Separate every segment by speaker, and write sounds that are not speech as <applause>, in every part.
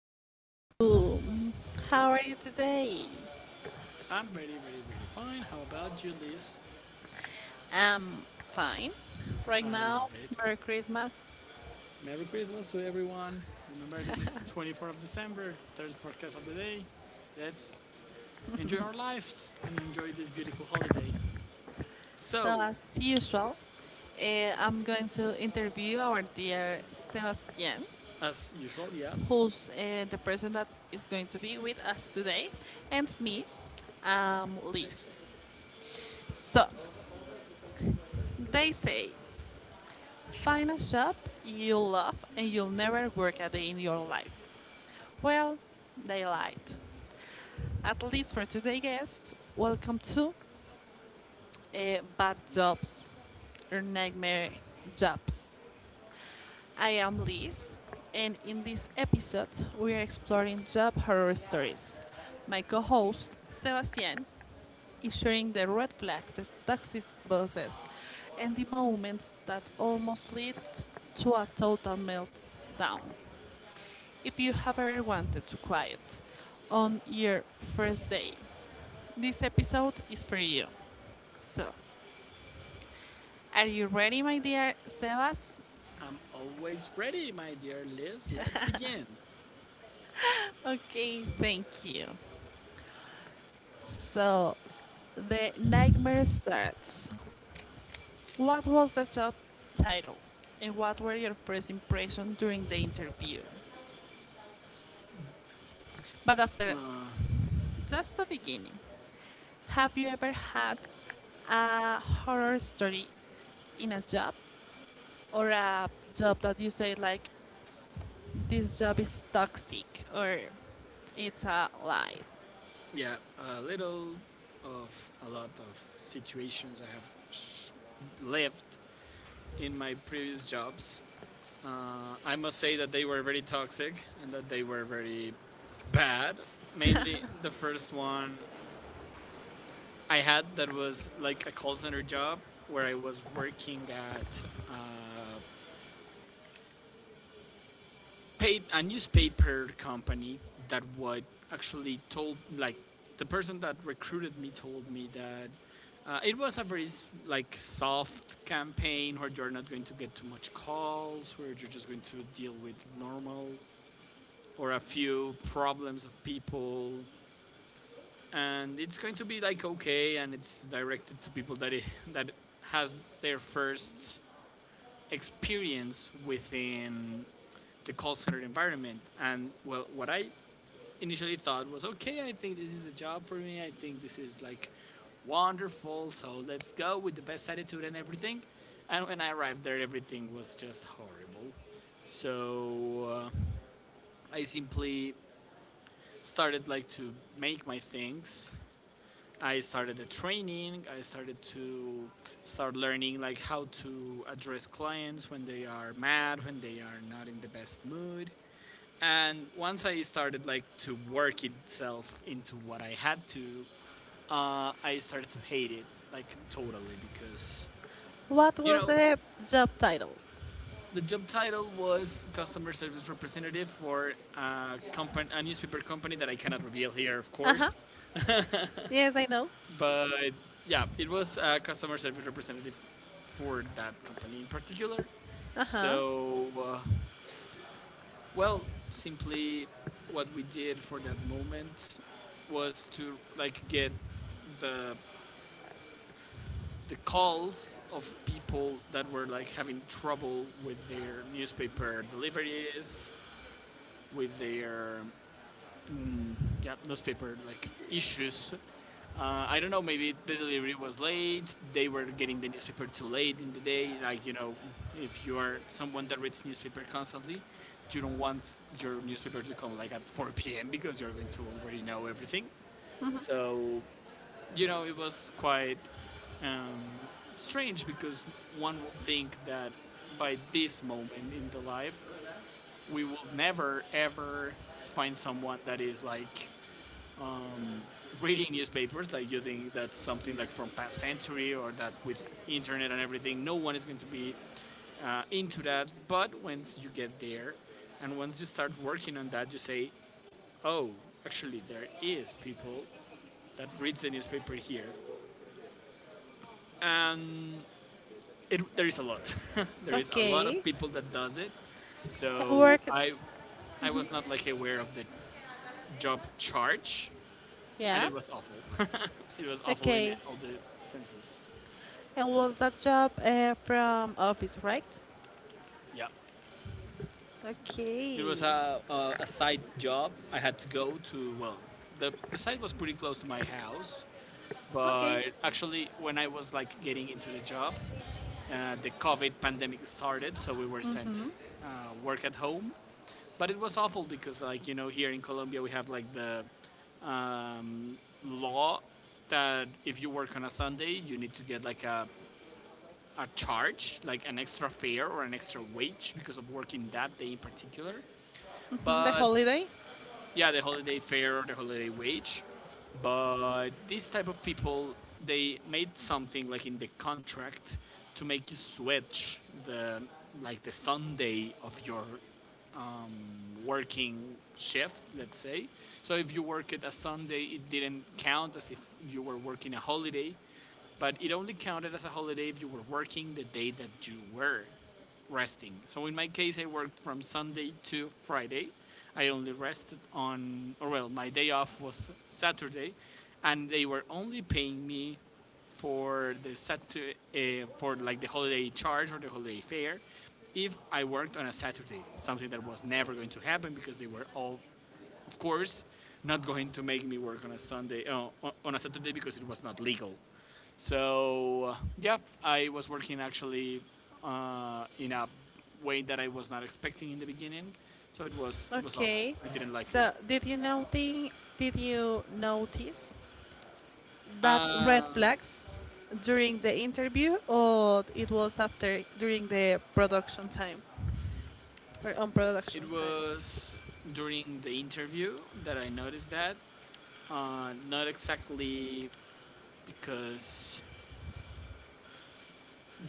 Speaker 1: Hello. How are you today?
Speaker 2: I'm very, very, very fine. How about you, Liz?
Speaker 1: I'm fine. Right
Speaker 2: I
Speaker 1: now,
Speaker 2: love it.
Speaker 1: Merry Christmas.
Speaker 2: Merry Christmas to everyone. Remember, this is 24th of December, third podcast of the day. Let's enjoy our lives and enjoy this beautiful holiday.
Speaker 1: So,
Speaker 2: So,
Speaker 1: as usual, I'm going to interview our dear Sebastian,
Speaker 2: as usual, yeah,
Speaker 1: who's the person that is going to be with us today, and me, Liz. So, they say, find a job you love and you'll never work a day in your life. Well, they lied. At least for today's guest, welcome to Bad Jobs or Nightmare Jobs. I am Liz, and in this episode, we are exploring job horror stories. My co host, Sebastian, is sharing the red flags, the toxic bosses, and the moments that almost lead to a total meltdown. If you have ever wanted to quiet on your first day, this episode is for you. So, are you ready, my dear Sebas?
Speaker 2: I'm always ready, my dear Liz. Let's begin.
Speaker 1: Okay. Thank you. So, the nightmare starts. What was the job title? And what were your first impressions during the interview? But after just the beginning, have you ever had a horror story in a job or a job that you say like this job is toxic or it's a lie?
Speaker 2: Yeah, a little of a lot of situations I have lived in my previous jobs. I must say that they were very toxic and that they were very bad. Mainly the first one I had that was like a call center job where I was working at a newspaper company that would actually told like the person that recruited me told me that it was a very like soft campaign where you're not going to get too much calls, where you're just going to deal with normal or a few problems of people, and it's going to be like okay, and it's directed to people that has their first experience within the call center environment. And well, what I initially thought was okay, I think this is a job for me, I think this is like wonderful, so let's go with the best attitude and everything. And when I arrived there, everything was just horrible. So I simply started like to make my things. I started the training. I started to start learning like how to address clients when they are mad, when they are not in the best mood. And once I started like to work itself into what I had to, I started to hate it like totally because
Speaker 1: What
Speaker 2: you
Speaker 1: was
Speaker 2: know
Speaker 1: the job title?
Speaker 2: the job title was customer service representative for a, company, a newspaper company that I cannot reveal here, of
Speaker 1: Uh huh.
Speaker 2: course.
Speaker 1: Yes, I know.
Speaker 2: But yeah, it was a customer service representative for that company in particular.
Speaker 1: Uh huh.
Speaker 2: So, well, simply what we did for that moment was to like get the the calls of people that were like having trouble with their newspaper deliveries, with their mm, yeah, newspaper like issues. I don't know. Maybe the delivery was late. They were getting the newspaper too late in the day. Like, you know, if you are someone that reads newspaper constantly, you don't want your newspaper to come like at 4 p.m. because you're going to already know everything. So, you know, it was quite um, strange because one would think that by this moment in the life, we will never ever find someone that is like reading newspapers, like you think that's something like from past century, or that with internet and everything no one is going to be into that. But once you get there and once you start working on that, you say, oh, actually there is people that reads the newspaper here. And there is a lot, <laughs> there is a lot of
Speaker 1: Okay.
Speaker 2: people that does it.
Speaker 1: And
Speaker 2: So
Speaker 1: work.
Speaker 2: I was not like aware of the job charge, and
Speaker 1: Yeah.
Speaker 2: it was awful. <laughs> It was awful in
Speaker 1: Okay.
Speaker 2: all the senses.
Speaker 1: And was that job from office, right?
Speaker 2: Yeah, it was
Speaker 1: Okay.
Speaker 2: a side job. I had to go to, well, the site was pretty close to my house,
Speaker 1: Okay.
Speaker 2: but actually, when I was like getting into the job, the COVID pandemic started, so we were sent, uh, work at home. But it was awful because, like, you know, here in Colombia, we have like the um, law that if you work on a Sunday, you need to get like a charge, like an extra fare or an extra wage because of working that day in particular.
Speaker 1: Mm, the
Speaker 2: But
Speaker 1: holiday.
Speaker 2: yeah, the holiday fare or the holiday wage, but these type of people, they made something like in the contract to make you switch the like the Sunday of your working shift, let's say. So if you work it a Sunday, it didn't count as if you were working a holiday, but it only counted as a holiday if you were working the day that you were resting. So in my case, I worked from Sunday to Friday. I only rested on, or well, my day off was Saturday, and they were only paying me for the Saturday, for like the holiday charge or the holiday fare if I worked on a Saturday, something that was never going to happen because they were all, of course, not going to make me work on a Sunday, a Saturday because it was not legal. So yeah, I was working actually in a way that I was not expecting in the beginning. So it was awful.
Speaker 1: Okay.
Speaker 2: I didn't like it.
Speaker 1: So did you notice? Did you notice that red
Speaker 2: Uh,
Speaker 1: flags during the interview, or it was after during the production time or on production
Speaker 2: it
Speaker 1: time?
Speaker 2: was during the interview that I noticed that. Not exactly because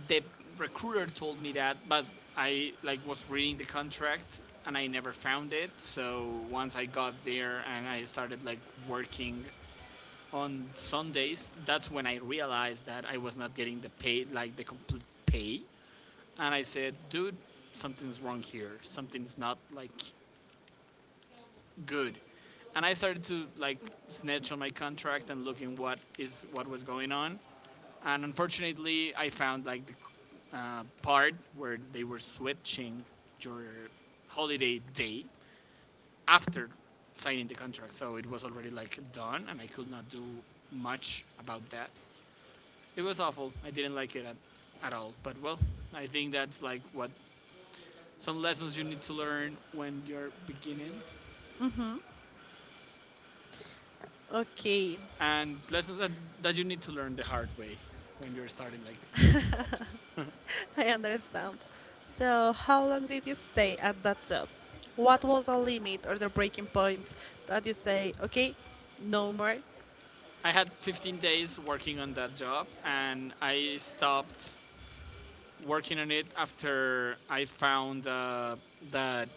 Speaker 2: the recruiter told me that, but I like was reading the contract and I never found it. So once I got there and I started like working on Sundays, that's when I realized that I was not getting the pay, like the complete pay. And I said, dude, something's wrong here. Something's not like good. And I started to like snitch on my contract and looking what is what was going on. And unfortunately I found like the part where they were switching your holiday day after signing the contract, so it was already like done, and I could not do much about that. It was awful. I didn't like at all. But well, I think that's like what some lessons you need to learn when you're beginning,
Speaker 1: Okay.
Speaker 2: and lessons that you need to learn the hard way when you're starting like on jobs.
Speaker 1: <laughs> I understand. So, how long did you stay at that job? What was the limit or the breaking point that you say, okay, no more?
Speaker 2: I had 15 days working on that job, and I stopped working on it after I found that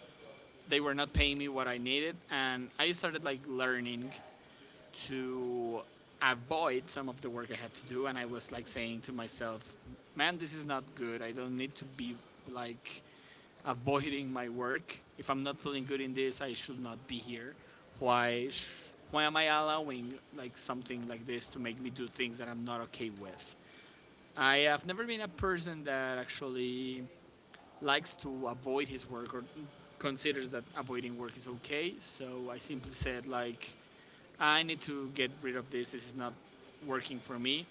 Speaker 2: they were not paying me what I needed, and I started like learning to avoid some of the work I had to do, and I was like saying to myself, "Man, this is not good. I don't need to be like avoiding my work. If I'm not feeling good in this, I should not be here. Why? Why am I allowing like something like this to make me do things that I'm not okay with? I have never been a person that actually likes to avoid his work or considers that avoiding work is okay." So I simply said like, I need to get rid of this. This is not working for me.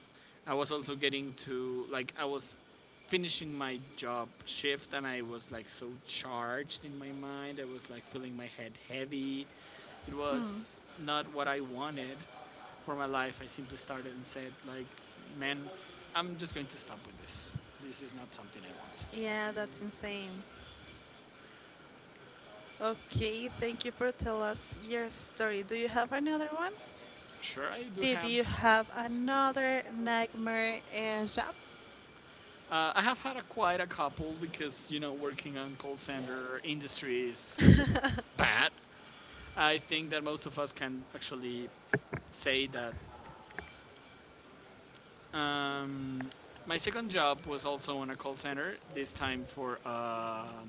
Speaker 2: I was also getting to like I was finishing my job shift and I was like so charged in my mind. I was like feeling my head heavy. It was not what I wanted for my life. I simply started and said like, man, I'm just going to stop with this. This is not something I want.
Speaker 1: Yeah, that's insane. Okay, thank you for telling us your story. Do you have another one?
Speaker 2: Sure, I do
Speaker 1: Did you
Speaker 2: have.
Speaker 1: have another nightmare job?
Speaker 2: I have had a, quite a couple, because you know working on call center industry is bad. I think that most of us can actually say that. Um, my second job was also on a call center, this time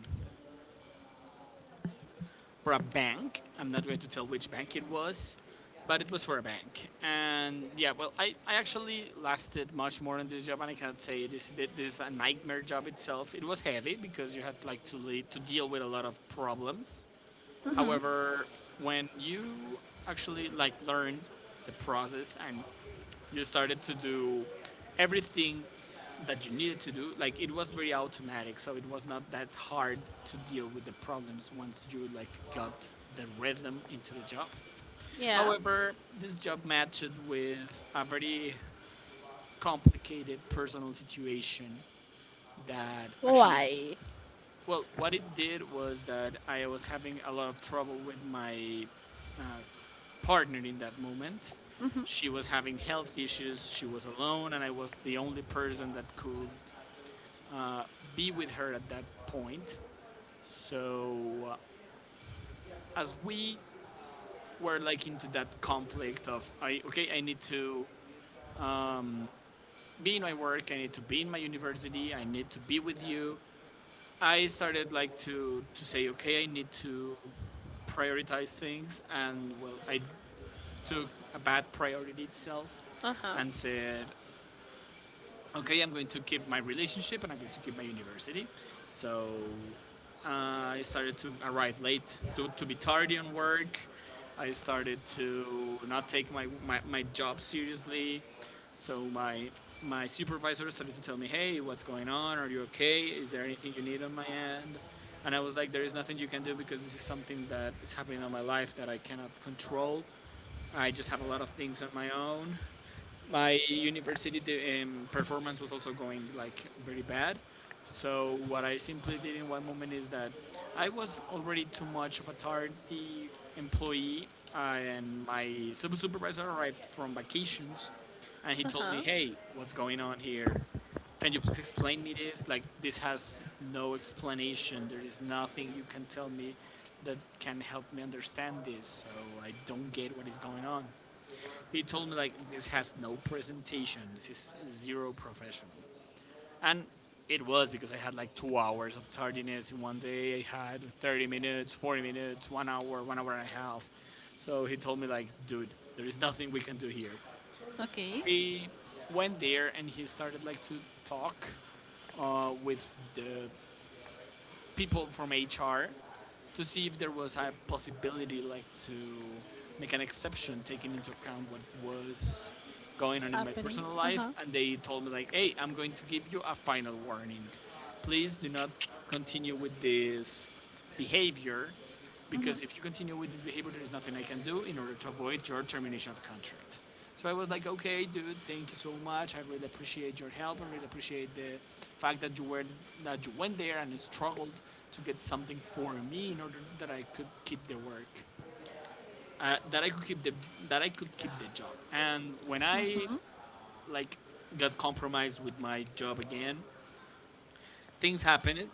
Speaker 2: for a bank. I'm not going to tell which bank it was, but it was for a bank. And yeah, well, I actually lasted much more in this job, and I cannot say this is a nightmare job itself. It was heavy because you had like to deal with a lot of problems. However, when you actually like learned the process and you started to do everything that you needed to do, like it was very automatic, so it was not that hard to deal with the problems once you like got the rhythm into the job.
Speaker 1: Yeah.
Speaker 2: However, this job matched with a very complicated personal situation that actually,
Speaker 1: Why?
Speaker 2: well, what it did was that I was having a lot of trouble with my uh, partner in that moment. She was having health issues, she was alone, and I was the only person that could uh, be with her at that point. So, as we were like into that conflict of, I, okay, I need to um, be in my work, I need to be in my university, I need to be with you. I started like to say, okay, I need to prioritize things, and well, I took a bad priority itself
Speaker 1: Uh huh.
Speaker 2: and said, okay, I'm going to keep my relationship and I'm going to keep my university. So uh, I started to arrive late, to be tardy on work. I started to not take my job seriously. So my supervisor started to tell me, hey, what's going on? Are you okay? Is there anything you need on my end? And I was like, there is nothing you can do because this is something that is happening in my life that I cannot control. I just have a lot of things on my own, my university, performance was also going like very bad. So what I simply did in one moment is that I was already too much of a tardy employee, and my supervisor arrived from vacations, and he
Speaker 1: Uh
Speaker 2: told me,
Speaker 1: huh.
Speaker 2: "Hey, what's going on here? Can you please explain me this? Like, this has no explanation. There is nothing you can tell me that can help me understand this. So I don't get what is going on." He told me like this has no presentation. This is zero professional. And it was because I had like 2 hours of tardiness in one day. I had 30 minutes, 40 minutes, 1 hour, 1 hour and a half. So he told me like, dude, there is nothing we can do here.
Speaker 1: Okay.
Speaker 2: He went there and he started like to talk with the people from HR to see if there was a possibility like to make an exception, taking into account what was going on in my
Speaker 1: Happening.
Speaker 2: personal
Speaker 1: Uh
Speaker 2: life,
Speaker 1: huh.
Speaker 2: and they told me like, hey, I'm going to give you a final warning, please do not continue with this behavior, because if you continue with this behavior, there is nothing I can do in order to avoid your termination of contract. So I was like, okay, dude, thank you so much. I really appreciate your help. I really appreciate the fact that you went there and struggled to get something for me in order that I could keep the work, uh, that I could keep the that I could keep the job. And when I like got compromised with my job again, things happened.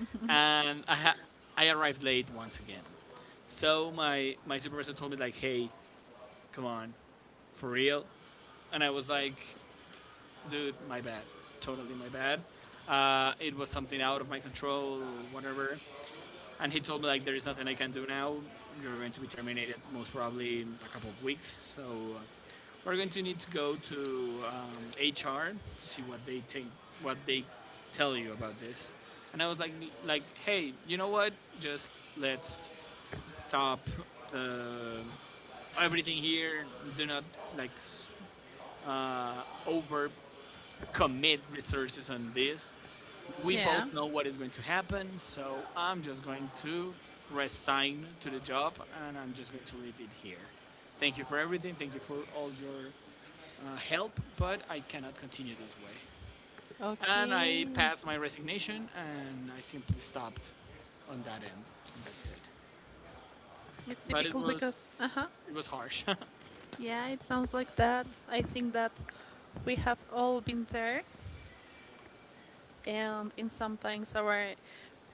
Speaker 2: <laughs> And I arrived late once again. So my supervisor told me like, hey, come on, for real? And I was like, dude, my bad, totally my bad. It was something out of my control, whatever. And he told me like, there is nothing I can do now. You're going to be terminated most probably in a couple of weeks. So uh, we're going to need to go to HR to see what they think, what they tell you about this. And I was like, hey, you know what? Just let's stop the everything here, do not like overcommit resources on this. We
Speaker 1: Yeah.
Speaker 2: both know what is going to happen, so I'm just going to resign to the job and I'm just going to leave it here. Thank you for everything. Thank you for all your help, but I cannot continue this way. And I
Speaker 1: Okay.
Speaker 2: passed my resignation and I simply stopped on that end. And that's it.
Speaker 1: It's
Speaker 2: But it
Speaker 1: difficult
Speaker 2: was
Speaker 1: because uh huh.
Speaker 2: it was harsh. <laughs>
Speaker 1: Yeah, it sounds like that. I think that we have all been there, and in some things, our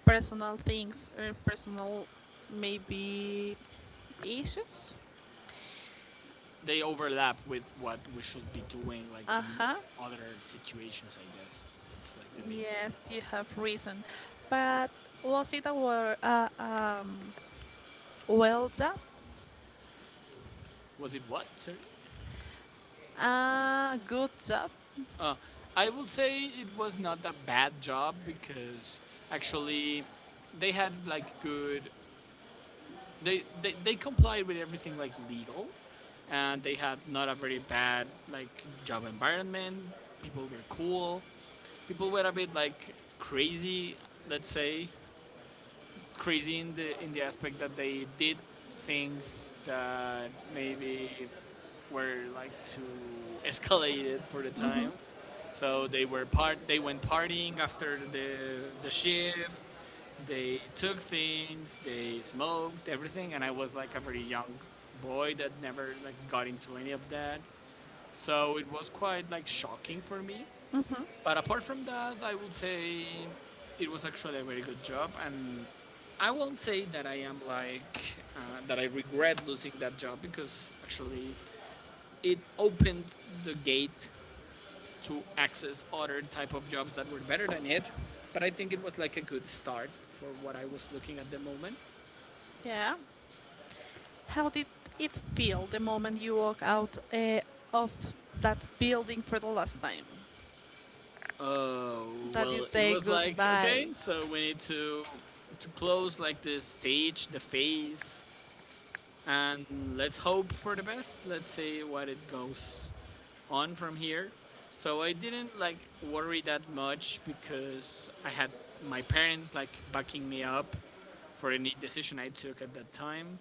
Speaker 1: personal things or personal maybe issues.
Speaker 2: They overlap with what we should be doing, like
Speaker 1: Uh
Speaker 2: in
Speaker 1: huh.
Speaker 2: other situations. I guess that's like the main thing.
Speaker 1: Yes, you have reason. But was it a well job?
Speaker 2: Was it what? Sorry.
Speaker 1: A good job?
Speaker 2: Uh, I would say it was not a bad job, because actually they had like good. They complied with everything like legal, and they had not a very bad like job environment. People were cool. People were a bit like crazy, let's say. Crazy in the aspect that they did things that maybe were like too escalated for the time. So they were part. They went partying after the shift. They took things. They smoked everything, and I was like a very young boy that never like got into any of that. So it was quite like shocking for me, but apart from that, I would say it was actually a very good job, and I won't say that I am like that I regret losing that job, because actually it opened the gate to access other type of jobs that were better than it. But I think it was like a good start for what I was looking at the moment.
Speaker 1: Yeah. How did it feel the moment you walk out of that building for the last time?
Speaker 2: Uh,
Speaker 1: That you
Speaker 2: well, it
Speaker 1: say
Speaker 2: was like
Speaker 1: goodbye?
Speaker 2: okay, so we need to close like the stage, the face, and let's hope for the best. Let's see what it goes on from here. So I didn't like worry that much because I had my parents like backing me up for any decision I took at that time.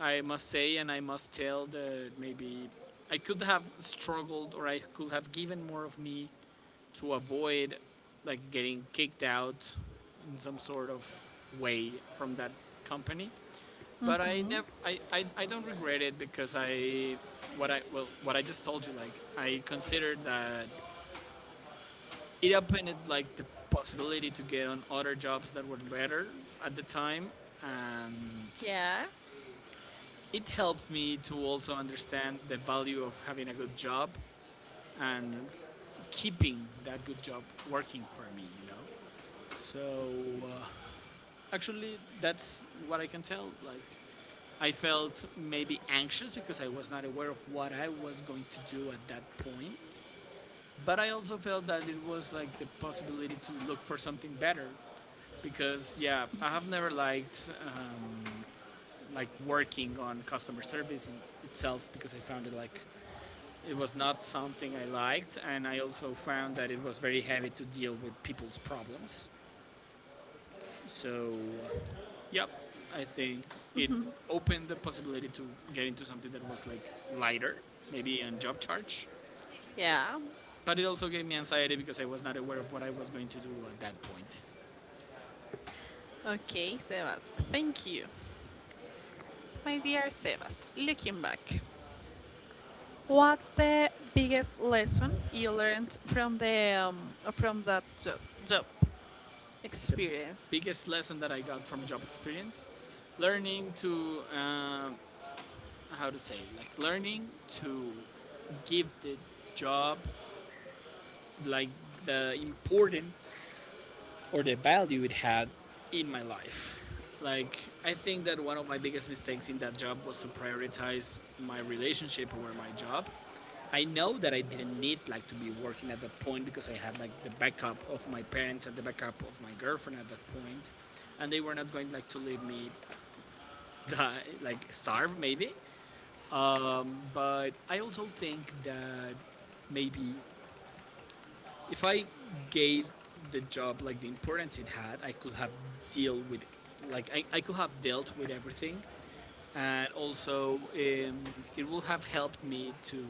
Speaker 2: I must say, and I must tell that maybe I could have struggled or I could have given more of me to avoid like getting kicked out in some sort of way from that company, but I don't regret it, because well, what I just told you, like I considered that it opened like the possibility to get on other jobs that were better at the time, and
Speaker 1: Yeah.
Speaker 2: it helped me to also understand the value of having a good job and keeping that good job working for me. So uh, actually, that's what I can tell. Like, I felt maybe anxious because I was not aware of what I was going to do at that point. But I also felt that it was like the possibility to look for something better, because yeah, I have never liked like working on customer service in itself, because I found it like it was not something I liked, and I also found that it was very heavy to deal with people's problems. So uh, yep, I think it opened the possibility to get into something that was like lighter, maybe on job charge.
Speaker 1: Yeah.
Speaker 2: But it also gave me anxiety because I was not aware of what I was going to do at that point.
Speaker 1: Okay, Sebas. Thank you. My dear Sebas, looking back, what's the biggest lesson you learned from the from that job
Speaker 2: The
Speaker 1: experience?
Speaker 2: biggest lesson that I got from job experience, learning to how to say, like learning to give the job like the importance or the value it had in my life. Like, I think that one of my biggest mistakes in that job was to prioritize my relationship over my job. I know that I didn't need like to be working at that point because I had like the backup of my parents and the backup of my girlfriend at that point, and they were not going like to leave me die, like starve maybe. But I also think that maybe if I gave the job like the importance it had, I could have deal with, like I could have dealt with everything, and also it will have helped me to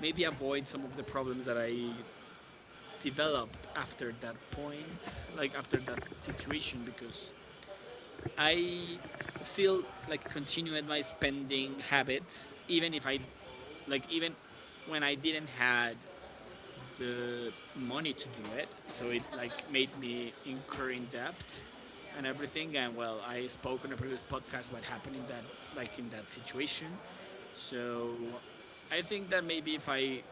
Speaker 2: maybe avoid some of the problems that I developed after that point, like after that situation, because I still like continued my spending habits, even if I like even when I didn't had the money to do it, so it like made me incur in debt and everything. And well, I spoke on a previous podcast what happened in that, situation. So I think that maybe if I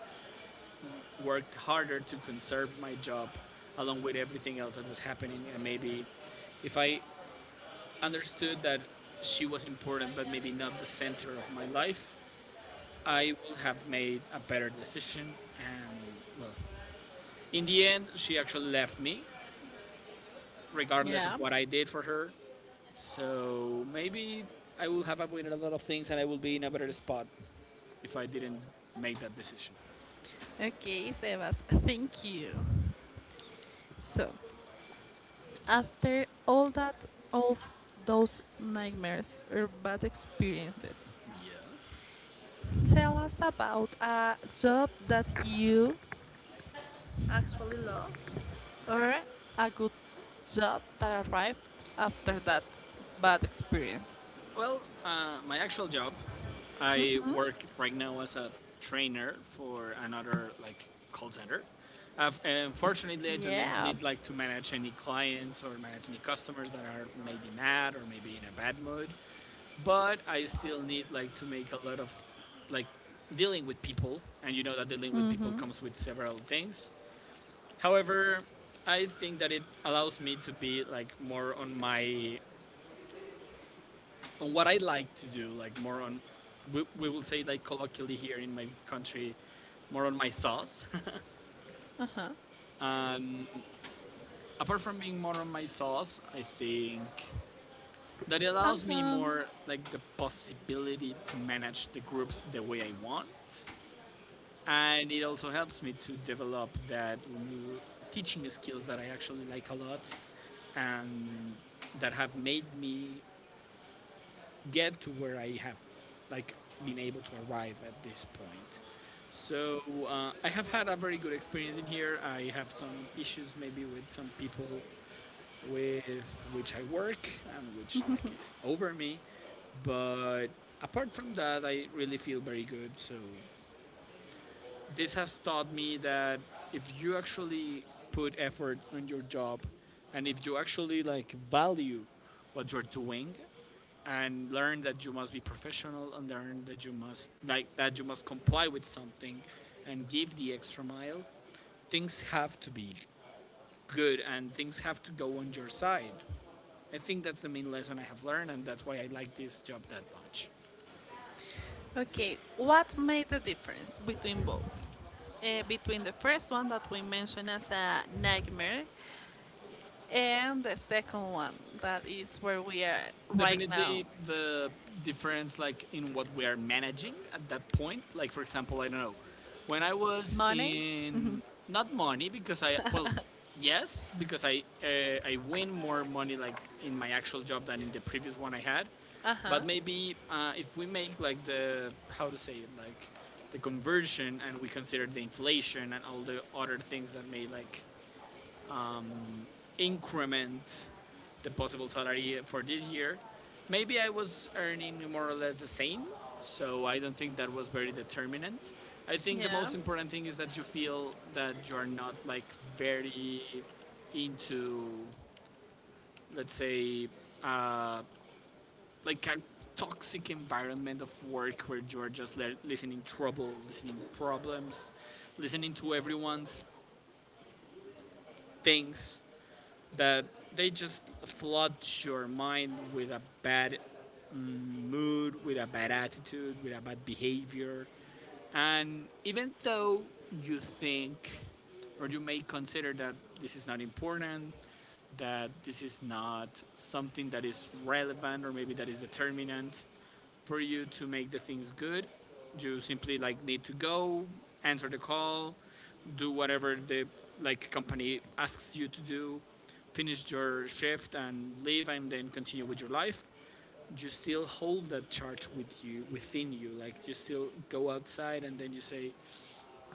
Speaker 2: worked harder to conserve my job along with everything else that was happening, and maybe if I understood that she was important but maybe not the center of my life, I would have made a better decision. And well, in the end, she actually left me regardless
Speaker 1: Yeah.
Speaker 2: of what I did for her. So maybe I will have avoided a lot of things and I will be in a better spot if I didn't make that decision.
Speaker 1: Okay, Sebas. Thank you. So, after all that all those nightmares or bad experiences,
Speaker 2: Yeah.
Speaker 1: tell us about a job that you actually love or a good job that arrived after that bad experience.
Speaker 2: Well, my actual job, I work right now as a trainer for another like call center. Unfortunately, I do not
Speaker 1: Yeah.
Speaker 2: need like to manage any clients or manage any customers that are maybe mad or maybe in a bad mood. But I still need like to make a lot of like dealing with people, and you know that dealing with people comes with several things. However, I think that it allows me to be like more on what I like to do, like more on we will say like colloquially here in my country, more on my sauce.
Speaker 1: Uh-huh.
Speaker 2: <laughs> And apart from being more on my sauce, I think that it
Speaker 1: Chun
Speaker 2: allows me
Speaker 1: chun.
Speaker 2: more like the possibility to manage the groups the way I want, and it also helps me to develop that teaching skills that I actually like a lot and that have made me get to where I have like been able to arrive at this point. So I have had a very good experience in here. I have some issues maybe with some people with which I work and which like is over me, but apart from that, I really feel very good. So this has taught me that if you actually put effort on your job, and if you actually like value what you're doing, and learn that you must be professional, and learn that you must comply with something and give the extra mile, things have to be good and things have to go on your side. I think that's the main lesson I have learned, and that's why I like this job that much.
Speaker 1: Okay, what made the difference between both? Between the first one that we mentioned as a nightmare and the second one that is where we are right now.
Speaker 2: Definitely the difference, like, in what we are managing at that point, like, for example, I don't know, when I was
Speaker 1: Money?
Speaker 2: in... not money, because I, well, yes, because I win more money, like, in my actual job than in the previous one I had.
Speaker 1: Uh-huh.
Speaker 2: But maybe if we make, like, the, how to say it, like, the conversion, and we consider the inflation and all the other things that may, like, um, increment the possible salary for this year. Maybe I was earning more or less the same, so I don't think that was very determinant. I think the
Speaker 1: Yeah.
Speaker 2: most important thing is that you feel that you are not like very into, let's say, uh, like a toxic environment of work where you are just listening trouble, listening problems, listening to everyone's things that they just flood your mind with a bad mood, with a bad attitude, with a bad behavior, and even though you think or you may consider that this is not important, that this is not something that is relevant or maybe that is determinant for you to make the things good, you simply like need to go, answer the call, do whatever the, like, company asks you to do, finish your shift and leave and then continue with your life. You still hold that charge with you, within you, like, you still go outside and then you say,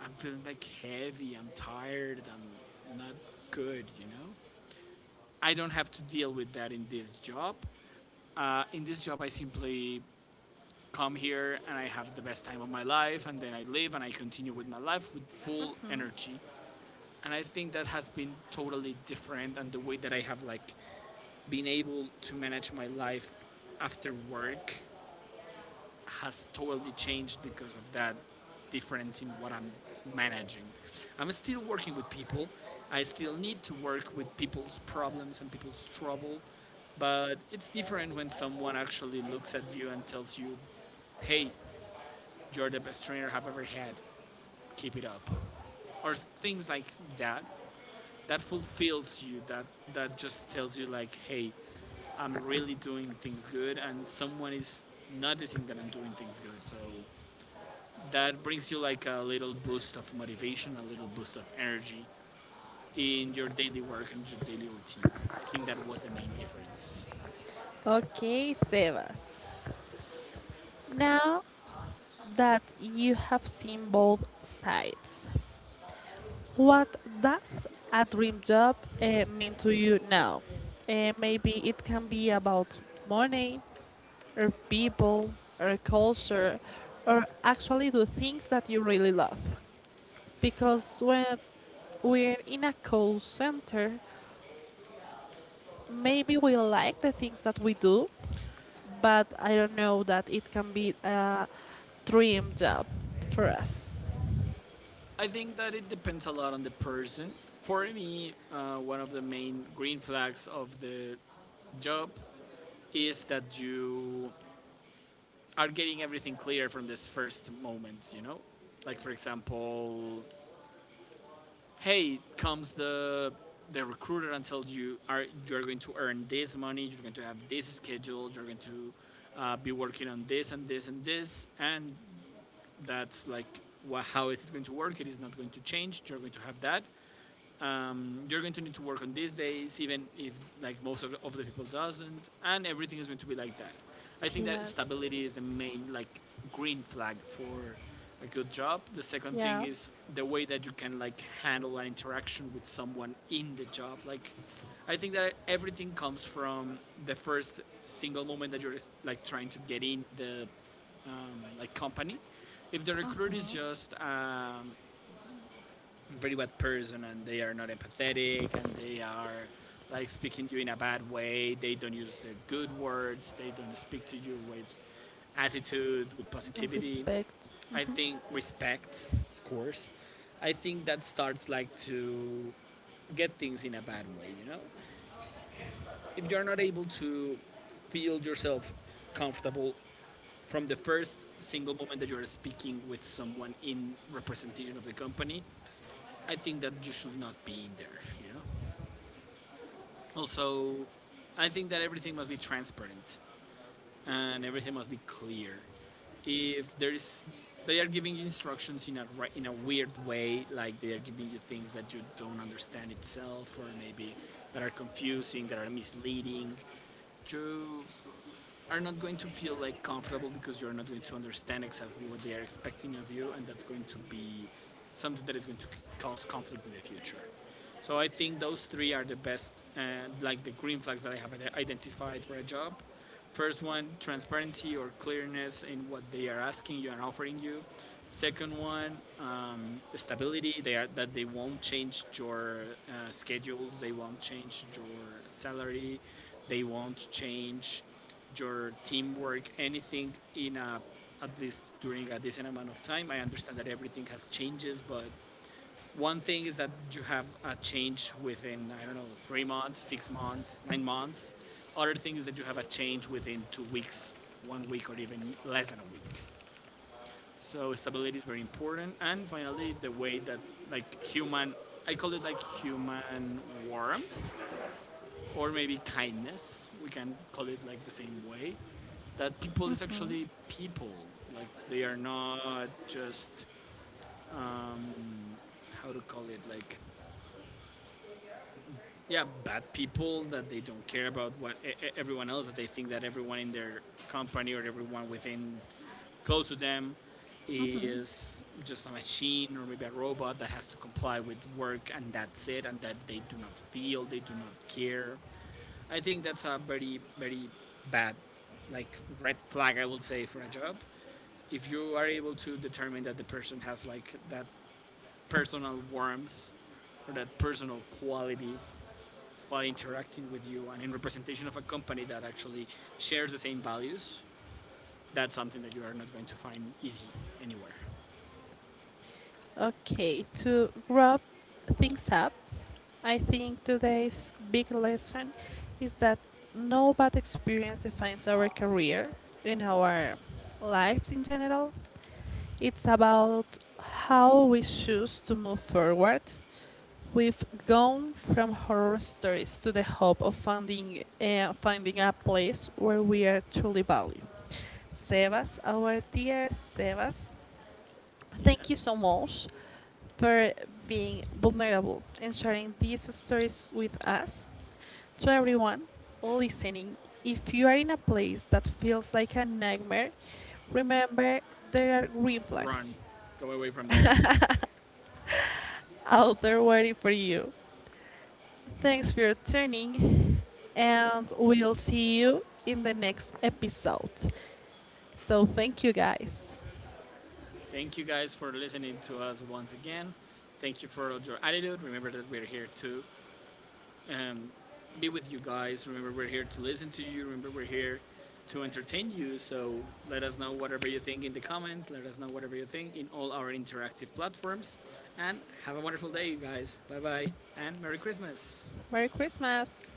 Speaker 2: I'm feeling like heavy, I'm tired, I'm not good. I don't have to deal with that in this job. In this job I simply come here and I have the best time of my life and then I live and I continue with my life with full energy. And I think that has been totally different, and the way that I have, like, been able to manage my life after work has totally changed because of that difference in what I'm managing. I'm still working with people. I still need to work with people's problems and people's trouble, but it's different when someone actually looks at you and tells you, "Hey, you're the best trainer I've ever had. Keep it up." Or things like that. That fulfills you. That just tells you like, "Hey, I'm really doing things good and someone is noticing that I'm doing things good." So that brings you like a little boost of motivation, a little boost of energy in your daily work and your daily routine. I think that was the main difference.
Speaker 1: Okay, Sebas. Now that you have seen both sides, what does a dream job mean to you now? Maybe it can be about money, or people, or culture, or actually do things that you really love. Because when we're in a call center, maybe we like the things that we do, but I don't know that it can be a dream job for us.
Speaker 2: I think that it depends a lot on the person. For me, one of the main green flags of the job is that you are getting everything clear from this first moment, you know? Like, for example, hey, comes the recruiter and tells you, are you're going to earn this money, you're going to have this schedule, you're going to, be working on this and this and this, and that's like, wha-, how is it going to work, it is not going to change, you're going to have that, you're going to need to work on these days even if, like, most of the people doesn't, and everything is going to be like that. I think that
Speaker 1: Claro.
Speaker 2: stability is the main, like, green flag for a good job. The second thing
Speaker 1: Yeah,
Speaker 2: is the way that you can, like, handle an interaction with someone in the job. Like, I think that everything comes from the first single moment that you're like trying to get in the, like, company. If the recruit is just very bad person, and they are not empathetic, and they are, like, speaking to you in a bad way. They don't use the good words. They don't speak to you with attitude, with positivity.
Speaker 1: respect.
Speaker 2: I think respect, of course. I think that starts, like, to get things in a bad way, you know? If you're not able to feel yourself comfortable from the first single moment that you're speaking with someone in representation of the company, I think that you should not be in there, you know? Also, I think that everything must be transparent, and everything must be clear. If there is, they are giving you instructions in a, in a weird way, like they are giving you things that you don't understand itself, or maybe that are confusing, that are misleading. You are not going to feel like comfortable, because you're not going to understand exactly what they are expecting of you, and that's going to be something that is going to cause conflict in the future. So I think those three are the best, like, the green flags that I have identified for a job. First one, transparency or clearness in what they are asking you and offering you. Second one, stability. They are, that they won't change your schedules. They won't change your salary. They won't change your teamwork. Anything in a, at least during a decent amount of time. I understand that everything has changes, but one thing is that you have a change within, I don't know, 3 months, 6 months, 9 months. Other thing is that you have a change within 2 weeks, one week, or even less than a week. So stability is very important. And finally, the way that, like, human, I call it, like, human warmth, or maybe kindness. We can call it, like, the same way. That people is actually people. Like, they are not just, um, how to call it, like, yeah, bad people that they don't care about what, everyone else, that they think that everyone in their company or everyone within, close to them, is just a machine or maybe a robot that has to comply with work and that's it, and that they do not feel, they do not care. I think that's a very bad, like, red flag, I would say, for a job. If you are able to determine that the person has, like, that personal warmth or that personal quality, by interacting with you and in representation of a company that actually shares the same values, that's something that you are not going to find easy anywhere.
Speaker 1: Okay, to wrap things up, I think today's big lesson is that no bad experience defines our career and our lives in general. It's about how we choose to move forward. We've gone from horror stories to the hope of finding a place where we are truly valued. Sebas, our dear Sebas, thank you so
Speaker 2: Yes.
Speaker 1: much for being vulnerable and sharing these stories with us. To everyone listening, if you are in a place that feels like a nightmare, remember there are green
Speaker 2: Run.
Speaker 1: flags
Speaker 2: Go away from there.
Speaker 1: out there waiting for you. Thanks for your tuning, and we'll see you in the next episode. So, thank you guys.
Speaker 2: Thank you guys for listening to us once again. Thank you for your attitude. Remember that we're here to um, be with you guys. Remember, we're here to listen to you. Remember, we're here to entertain you. So let us know whatever you think in the comments. Let us know whatever you think in all our interactive platforms. And have a wonderful day, you guys. Bye bye, and Merry Christmas.
Speaker 1: Merry Christmas!